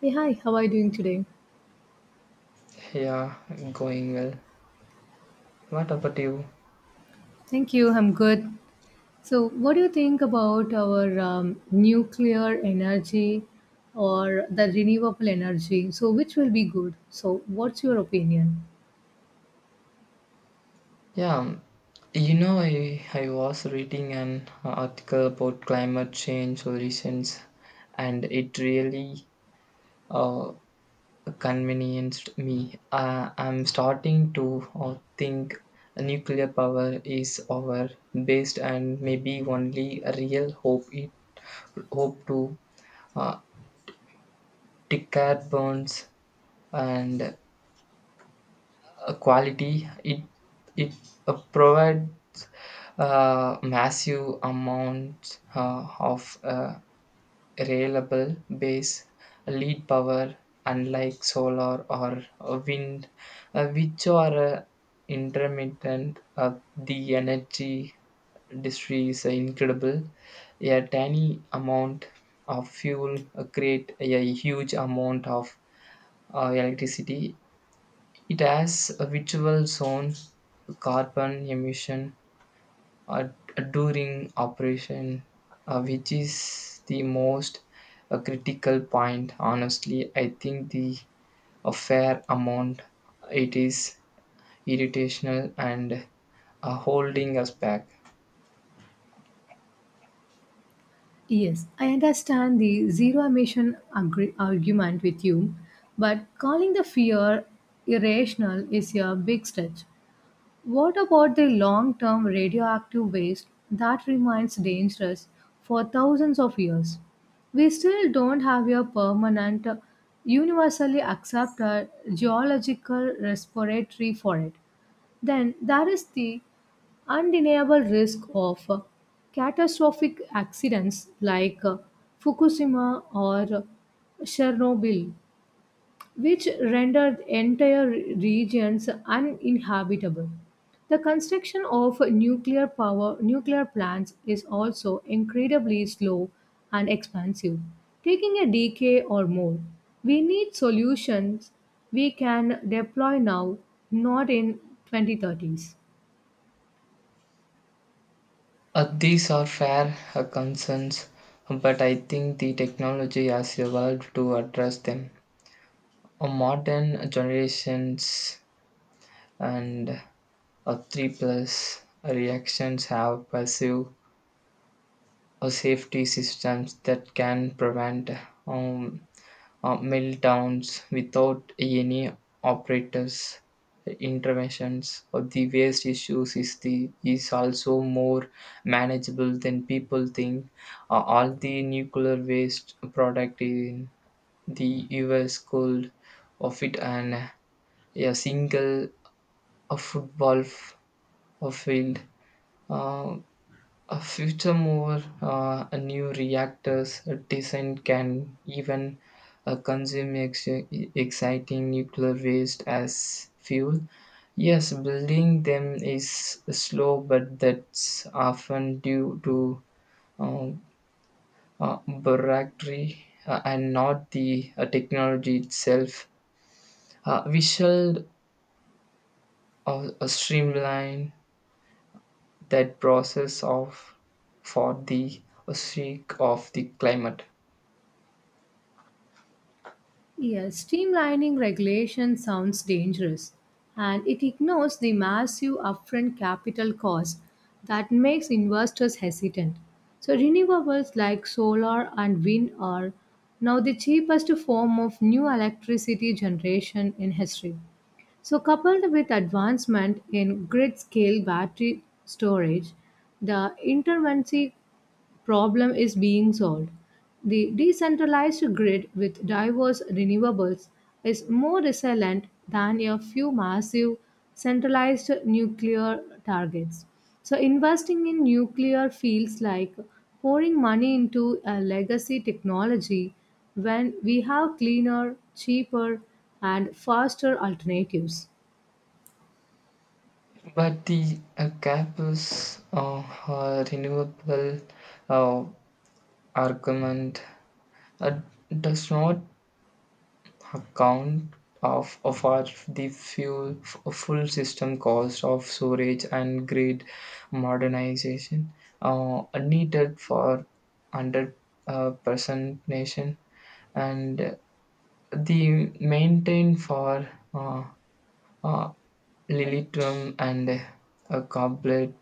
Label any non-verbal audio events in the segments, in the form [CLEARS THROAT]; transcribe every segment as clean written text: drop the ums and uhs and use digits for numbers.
Hey, hi, how are you doing today? Yeah, going well. What about you? Thank you, I'm good. So, what do you think about our nuclear energy or the renewable energy? So, which will be good? So, what's your opinion? Yeah, I was reading an article about climate change solutions, and it really uh, convenienced me. I'm starting to think nuclear power is our best and maybe only real hope. It hope to uh, decarbonize and quality it provides massive amounts of reliable base lead power, unlike solar or wind which are intermittent. The energy industry is incredible. A tiny amount of fuel create a huge amount of electricity. It has a visual zone, carbon emission uh, during operation, which is the most critical point. Honestly, I think the a fair amount it is irritational and holding us back. Yes, I understand the zero emission argument with you, but calling the fear irrational is a big stretch. What about the long term radioactive waste that remains dangerous for thousands of years? We still don't have a permanent, universally accepted geological respiratory for it. Then there is the undeniable risk of catastrophic accidents like Fukushima or Chernobyl which rendered entire regions uninhabitable. The construction of nuclear plants is also incredibly slow and expensive, taking a decade or more. We need solutions we can deploy now, not in 2030s. These are fair concerns, but I think the technology has evolved to address them. Modern generations and 3 plus reactions have passive safety systems that can prevent um, meltdowns without any operators interventions. Or the waste issues is the is also more manageable than people think. All the nuclear waste product in the us could of it and a single a football a field uh, A furthermore, a new reactor's design can even consume exciting nuclear waste as fuel. Yes, building them is slow, but that's often due to um, bureaucracy and not the technology itself. We shall streamline that process of for the sake of the climate. Yes, streamlining regulation sounds dangerous and it ignores the massive upfront capital cost that makes investors hesitant. So, renewables like solar and wind are now the cheapest form of new electricity generation in history. So, coupled with advancement in grid scale battery storage, the intermittency problem is being solved. The decentralized grid with diverse renewables is more resilient than a few massive centralized nuclear targets. So, investing in nuclear feels like pouring money into a legacy technology when we have cleaner, cheaper, and faster alternatives. But the campus a renewable uh, argument uh, does not account of our, the fuel, full system cost of storage and grid modernization needed for 100 percent nation and the maintain for uh, uh, lilitum and a goblet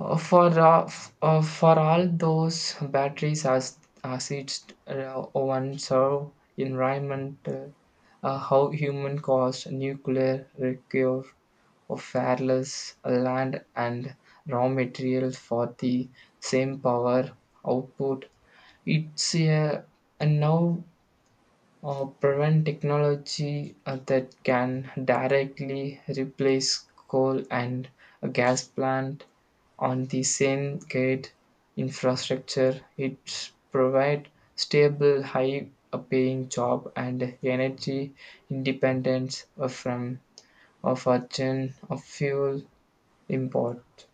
For for all those batteries as acids one serve environment how human caused nuclear recur of wireless land and raw materials for the same power output. It's a now prevent technology that can directly replace coal and a gas plant on the same grid infrastructure. It provide stable, high paying job and energy independence from a virgin of fuel import.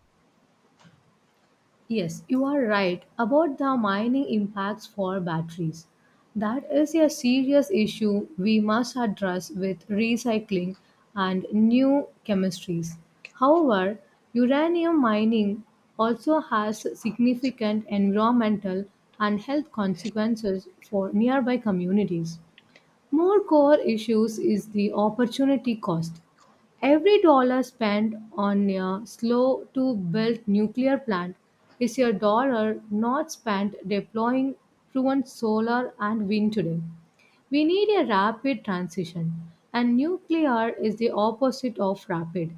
Yes, you are right about the mining impacts for batteries. That is a serious issue we must address with recycling and new chemistries. However, uranium mining also has significant environmental and health consequences for nearby communities. More core issues is the opportunity cost. Every dollar spent on a slow to build nuclear plant is a dollar not spent deploying proven solar and wind today. We need a rapid transition, and nuclear is the opposite of rapid.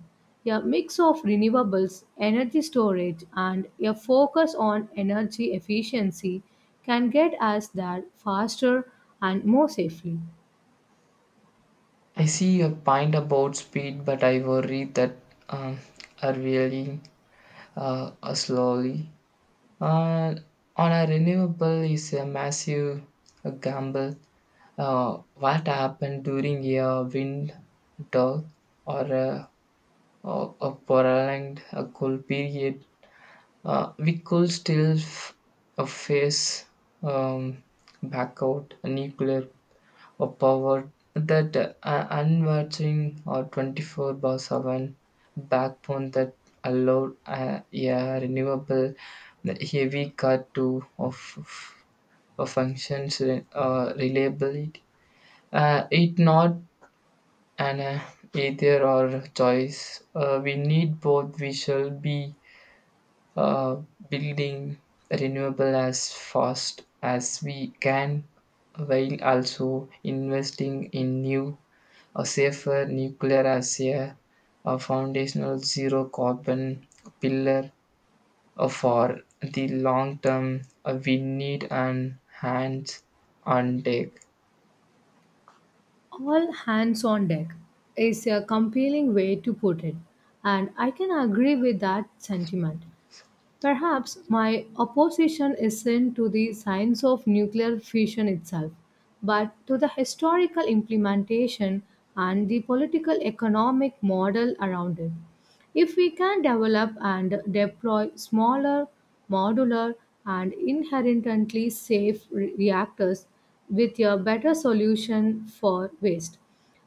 A mix of renewables, energy storage, and a focus on energy efficiency can get us there faster and more safely. I see your point about speed, but I worry that um, are really slowly. Uh, on a renewable is a massive gamble. What happened during a wind drought or a, or a prolonged cool period, we could still face um, back out nuclear a power that unwatching or 24/7 backbone that allowed a renewable heavy car to of functions reliably. It not an either or choice. We need both. We shall be uh, building renewable as fast as we can while also investing in new a safer nuclear as a foundational zero carbon pillar for the long term. We need an hands on deck. All hands on deck is a compelling way to put it, and I can agree with that sentiment. Perhaps my opposition isn't to the science of nuclear fission itself, but to the historical implementation and the political economic model around it. If we can develop and deploy smaller, modular, and inherently safe reactors with a better solution for waste,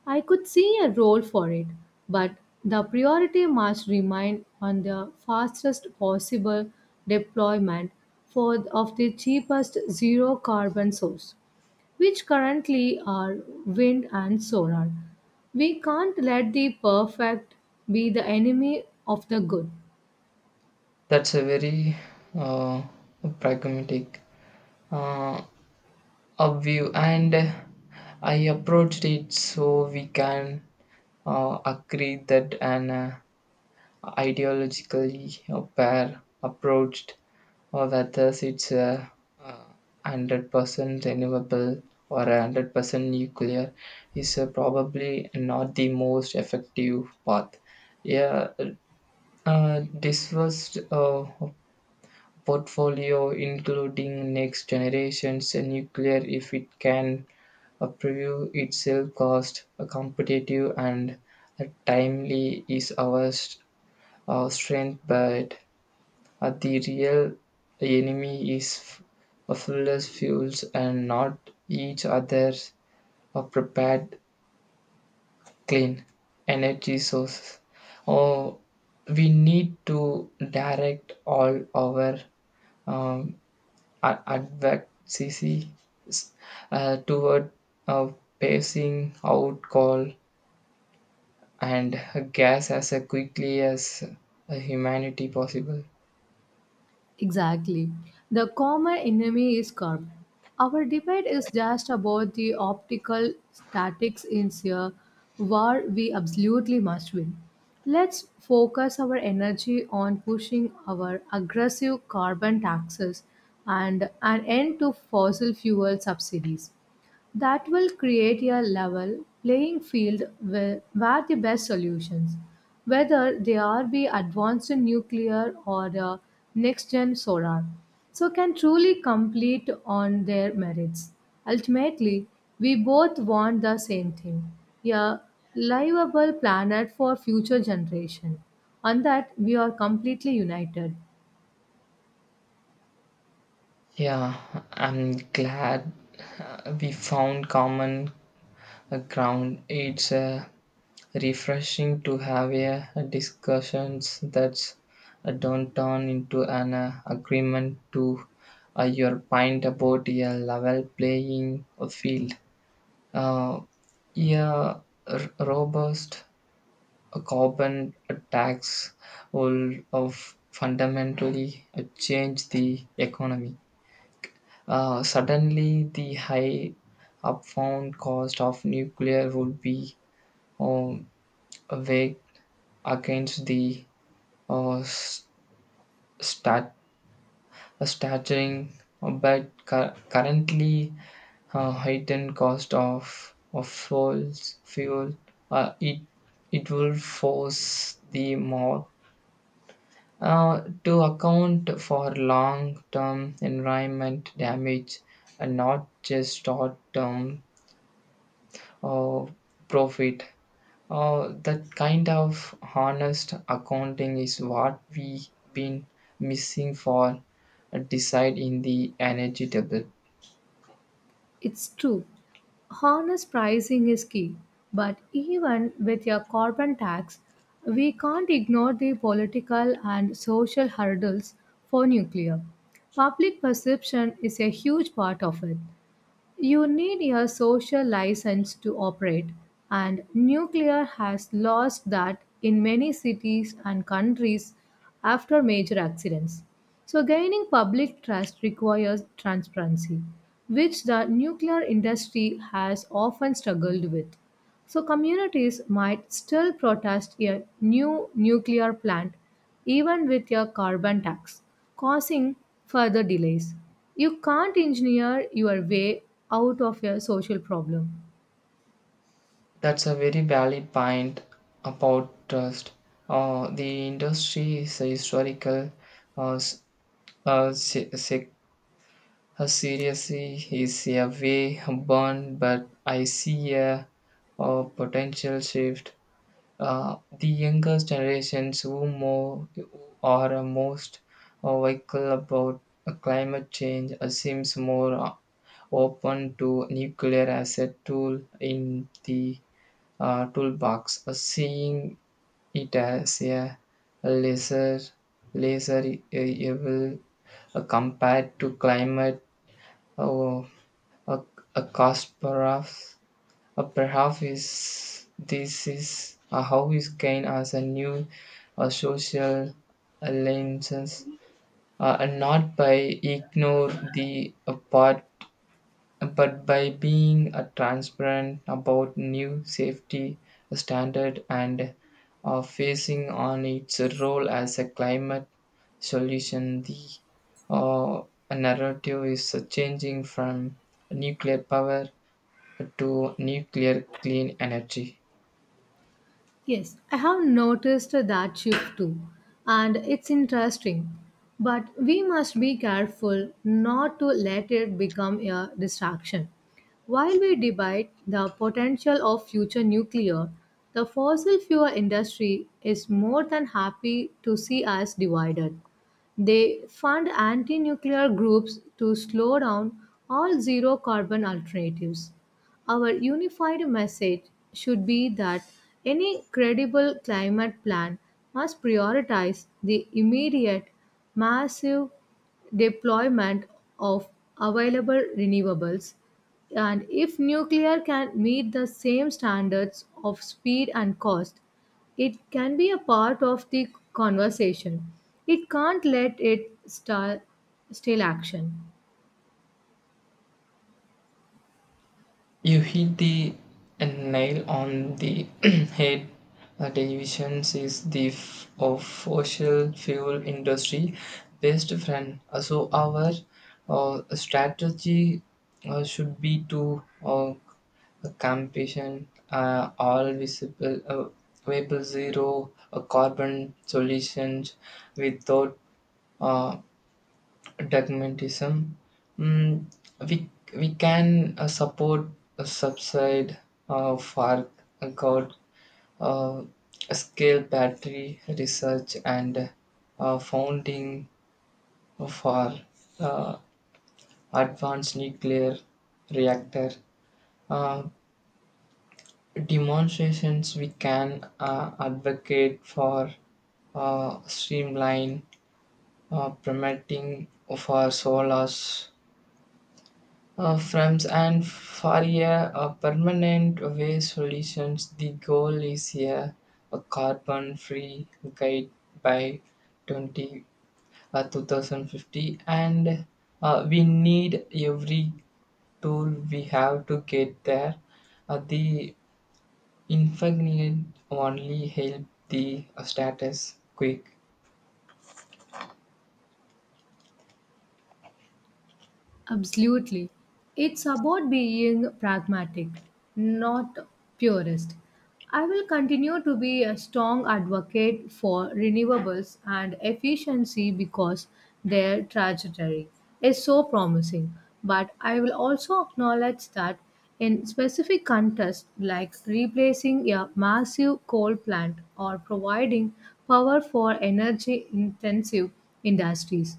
I could see a role for it, but the priority must remain on the fastest possible deployment for of the cheapest zero carbon source, which currently are wind and solar. We can't let the perfect be the enemy of the good. That's a very uh, pragmatic uh, a view, and I approached it so we can agree that an ideologically pair approached, or whether it's a uh, 100% renewable or 100% nuclear, is probably not the most effective path. Yeah, this was portfolio including next generations nuclear if it can prove itself cost competitive and timely is our our strength, but the real enemy is fuels, and not each other's prepared clean energy sources. Oh, we need to direct all our um, advocacy toward uh, pacing out coal and gas as quickly as humanity possible. Exactly. The common enemy is curb. Our debate is just about the optical statics in a war we absolutely must win. Let's focus our energy on pushing our aggressive carbon taxes and an end to fossil fuel subsidies. That will create a level playing field where the best solutions, whether they are be advanced in nuclear or the next gen solar, so can truly compete on their merits. Ultimately, we both want the same thing, a livable planet for future generation. On that, we are completely united. Yeah, I'm glad we found common ground. It's refreshing to have a discussions that don't turn into an agreement. To your point about a level playing field. Uh, yeah, robust carbon tax will of fundamentally change the economy. Suddenly, the high upfront cost of nuclear would be um, weighed against the uh, s- stat- staggering but currently heightened cost of fuel. uh, it it will force the mob to account for long term environment damage and not just short term uh, profit. That kind of honest accounting is what we've been missing for a decide in the energy table. It's true. Honest pricing is key. But even with your carbon tax, we can't ignore the political and social hurdles for nuclear. Public perception is a huge part of it. You need a social license to operate, and nuclear has lost that in many cities and countries after major accidents. So, gaining public trust requires transparency, which the nuclear industry has often struggled with. So communities might still protest a new nuclear plant, even with a carbon tax, causing further delays. You can't engineer your way out of a social problem. That's a very valid point about trust. The industry is a historical, uh, s- uh, se- se- seriously is a way burn, but I see a potential shift. The younger generations who are most vocal about climate change seems more open to nuclear as a tool in the toolbox, seeing it as a lesser lesser evil compared to climate uh, uh, uh, catastrophes. Perhaps is, this is how we gain as a new social alliances, and not by ignore the part, but by being transparent about new safety standard and facing on its role as a climate solution. The uh, narrative is changing from nuclear power to nuclear clean energy. Yes, I have noticed that shift too, and it's interesting. But we must be careful not to let it become a distraction. While we debate the potential of future nuclear, the fossil fuel industry is more than happy to see us divided. They fund anti nuclear groups to slow down all zero carbon alternatives. Our unified message should be that any credible climate plan must prioritize the immediate, massive deployment of available renewables. And if nuclear can meet the same standards of speed and cost, it can be a part of the conversation. It can't let it stall stale action. You hit the nail on the [CLEARS THROAT] head. Television is the of fossil fuel industry best friend. So our strategy should be to campaign all visible available zero carbon solutions without uh, dogmatism. Mm, we we can support a subside for a god uh, scale battery research and founding for uh, advanced nuclear reactor uh, demonstrations. We can advocate for streamline permitting for solars friends and for a, permanent waste solutions. The goal is a carbon free guide by 20 2050, and we need every tool we have to get there. The inconvenient only help the status quick. Absolutely. It's about being pragmatic, not purist. I will continue to be a strong advocate for renewables and efficiency because their trajectory is so promising. But I will also acknowledge that in specific contexts like replacing a massive coal plant or providing power for energy intensive industries,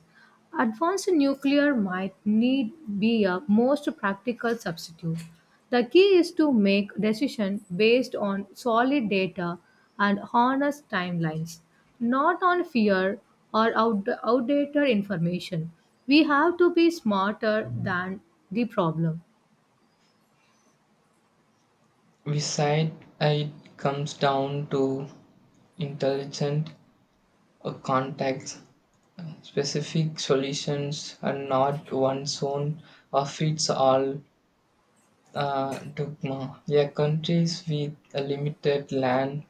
advanced nuclear might need be a most practical substitute. The key is to make decisions based on solid data and honest timelines, not on fear or outdated information. We have to be smarter than the problem. We said it comes down to intelligent contacts. Specific solutions and not one's own or fits all dogma. Yeah, countries with a limited land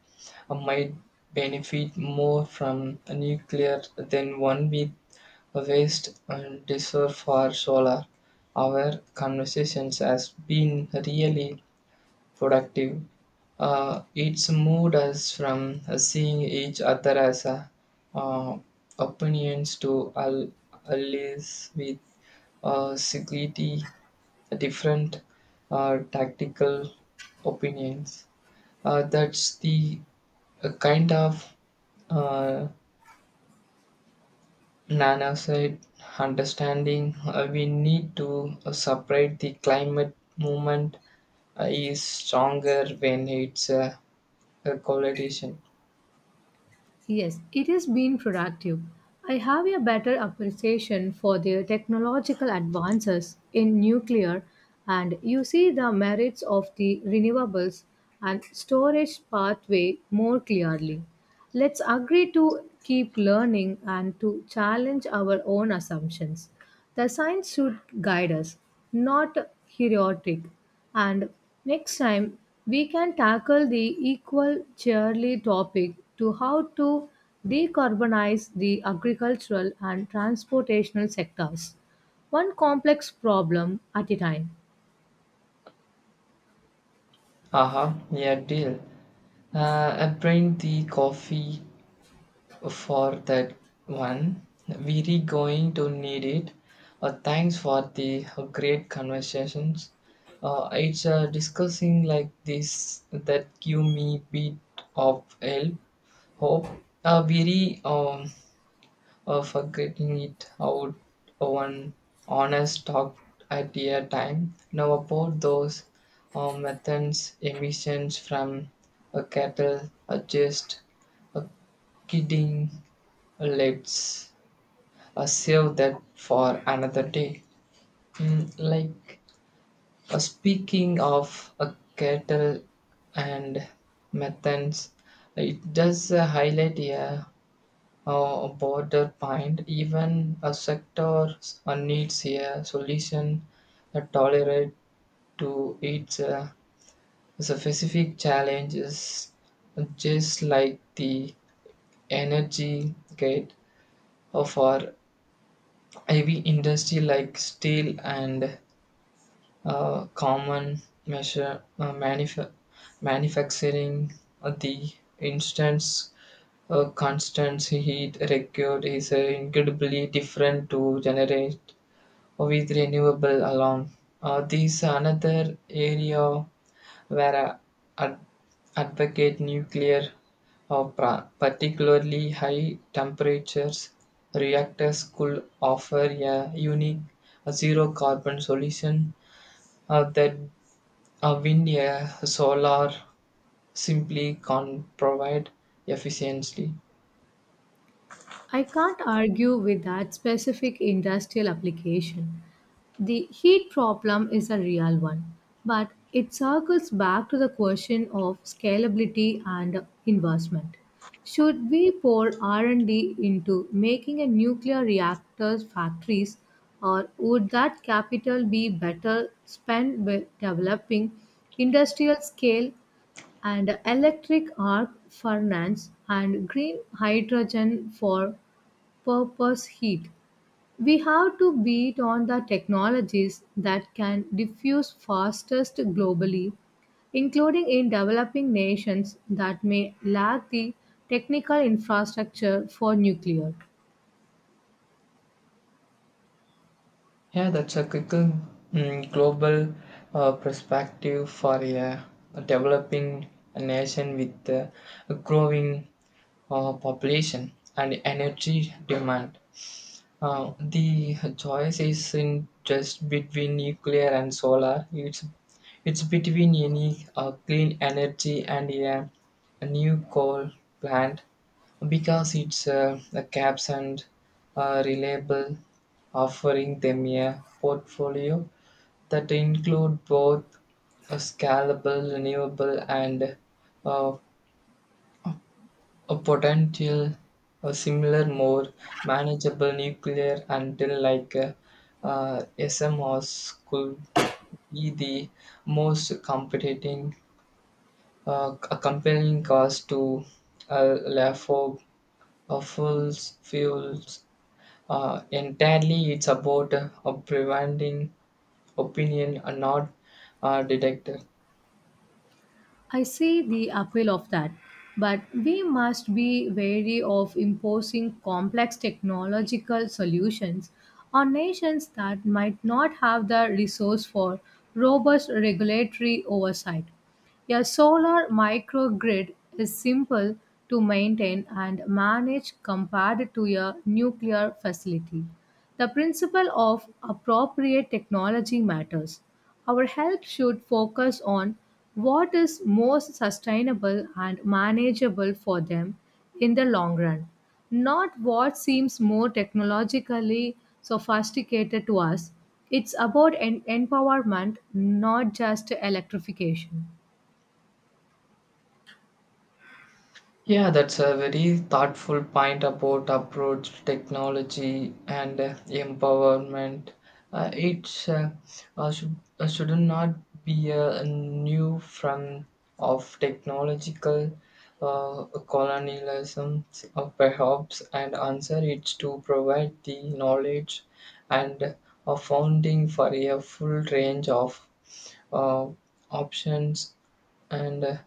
might benefit more from a nuclear than one with a vast and desire for solar. Our conversations has been really productive. It's moved us from seeing each other as a, uh, opinions to allies with security, different tactical opinions. That's the kind of uh, Nana said understanding. We need to separate the climate movement is stronger when it's a politician. Yes, it has been productive. I have a better appreciation for the technological advances in nuclear, and you see the merits of the renewables and storage pathway more clearly. Let's agree to keep learning and to challenge our own assumptions. The science should guide us, not heroic. And next time, we can tackle the equal cheerly topic to how to decarbonize the agricultural and transportational sectors. One complex problem at a time. Aha, yeah, deal. I bring the coffee for that one. We're going to need it. Thanks for the great conversations. It's discussing like this that give me bit of help, hope. Very for getting it out one honest talk at a time. Now about those methane's emissions from a cattle are just a kidding. Let's save that for another day. Mm, like speaking of a cattle and methane's, it does highlight a border point, even a sector needs a solution that tolerate to its specific challenges, just like the energy gate for heavy industry like steel and common measure manufacturing. The instance constant heat record is incredibly different to generate with renewable alone. This another area where I ad- advocate nuclear, particularly high temperatures reactors could offer a unique zero carbon solution that wind, solar simply can't provide efficiently. I can't argue with that specific industrial application. The heat problem is a real one, but it circles back to the question of scalability and investment. Should we pour R&D into making a nuclear reactor's factories or would that capital be better spent with developing industrial scale and electric arc furnace and green hydrogen for purpose heat? We have to beat on the technologies that can diffuse fastest globally, including in developing nations that may lack the technical infrastructure for nuclear. Yeah, that's a critical mm, global perspective for a developing nation with a growing population and energy demand. The choice isn't just between nuclear and solar. It's between any clean energy and a new coal plant because it's a caps and reliable, offering them a portfolio that include both a scalable, renewable, and uh, a potential a similar, more manageable nuclear until like SMRs could be the most competing, a compelling cause to LAFO of fuels. Entirely, it's about preventing opinion and not detect. I see the appeal of that, but we must be wary of imposing complex technological solutions on nations that might not have the resource for robust regulatory oversight. A solar microgrid is simple to maintain and manage compared to a nuclear facility. The principle of appropriate technology matters. Our help should focus on what is most sustainable and manageable for them in the long run, not what seems more technologically sophisticated to us. It's about empowerment, not just electrification. Yeah, that's a very thoughtful point about approach to technology and empowerment. It should not be a new form of technological colonialism, perhaps, and answer it to provide the knowledge and a founding for a full range of uh, options and. uh,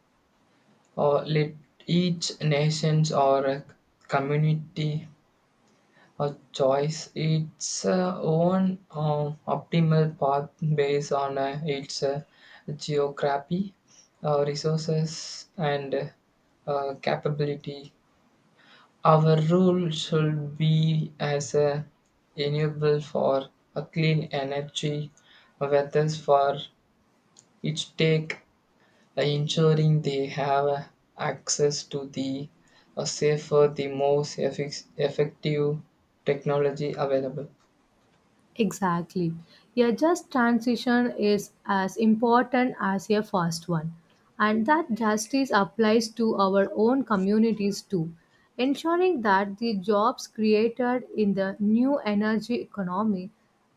uh, Let each nation's or a community a choice its own optimal path based on its geography, resources, and capability. Our role should be as a enable for a clean energy, whether for each take ensuring they have access to the safer, the most effective technology available. Exactly. A just transition is as important as a fast one. And that justice applies to our own communities too. Ensuring that the jobs created in the new energy economy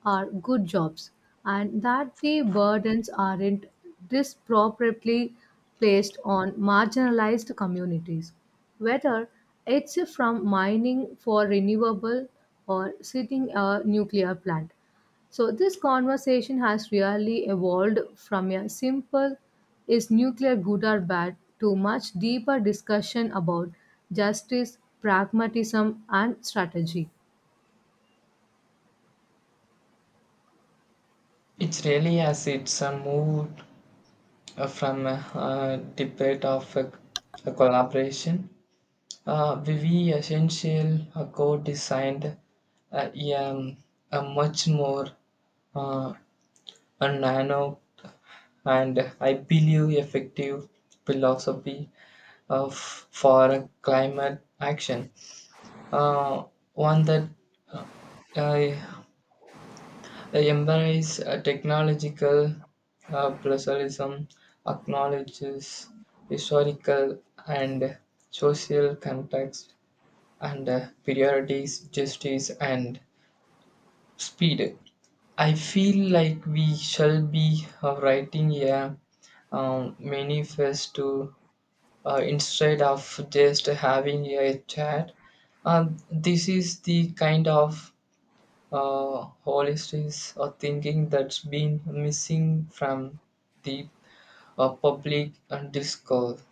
are good jobs and that the burdens aren't disproportionately placed on marginalized communities, whether it's from mining for renewable or sitting a nuclear plant. So, this conversation has really evolved from a simple is nuclear good or bad to much deeper discussion about justice, pragmatism, and strategy. It's really as it's a move from a, debate of a collaboration. Vivi Essential co-designed uh, um, a much more uh, a nano and I believe effective philosophy of for climate action. uh, One that uh, uh, embraces technological pluralism, acknowledges historical and social context and priorities, justice and speed. I feel like we shall be writing a manifesto instead of just having a chat. Uh, this is the kind of holistics or thinking that's been missing from the public discourse.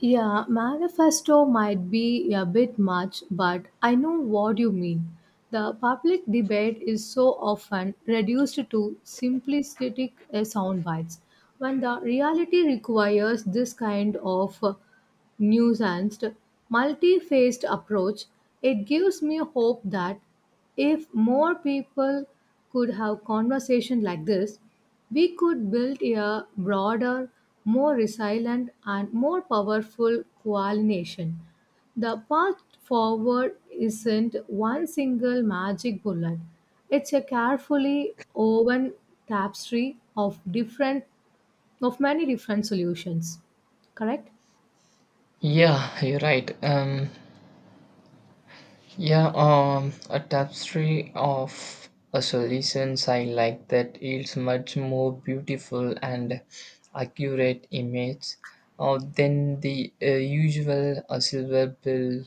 Yeah, manifesto might be a bit much, but I know what you mean. The public debate is so often reduced to simplistic sound bites when the reality requires this kind of nuanced, multi-faced approach. It gives me hope that if more people could have conversation like this, we could build a broader, more resilient and more powerful coalition. The path forward isn't one single magic bullet. It's a carefully woven tapestry of different of many different solutions. Correct? Yeah, you're right. Yeah, a tapestry of a solutions. I like that. Yields much more beautiful and accurate image than the usual silver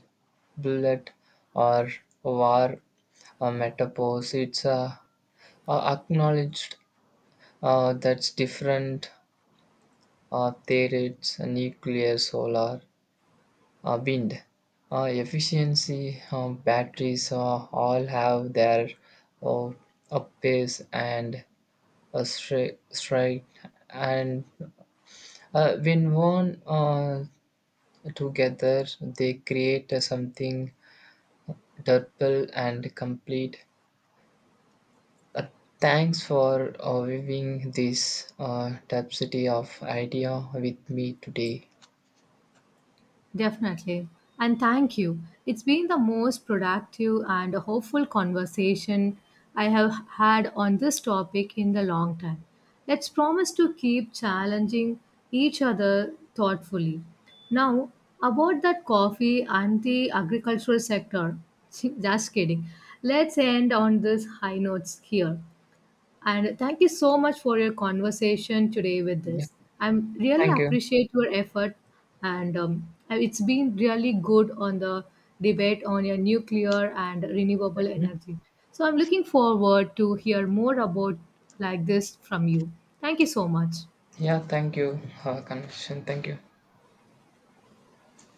bullet or war metaphors. It's acknowledged. That's different. There it's nuclear, solar, wind. Efficiency, batteries all have their uh, upways and a strike. Straight and when worn together they create something durable and complete. Uh, Thanks for weaving this diversity of idea with me today. Definitely. And thank you. It's been the most productive and hopeful conversation I have had on this topic in the long time. Let's promise to keep challenging each other thoughtfully. Now, about that coffee and the agricultural sector. [LAUGHS] Just kidding. Let's end on this high notes here. And thank you so much for your conversation today with Yes, this. I am really thank you. appreciate your effort, and it's been really good on the debate on your nuclear and renewable Mm. energy. So I'm looking forward to hear more about like this from you. Thank you so much. Yeah, thank you. Connection, thank you.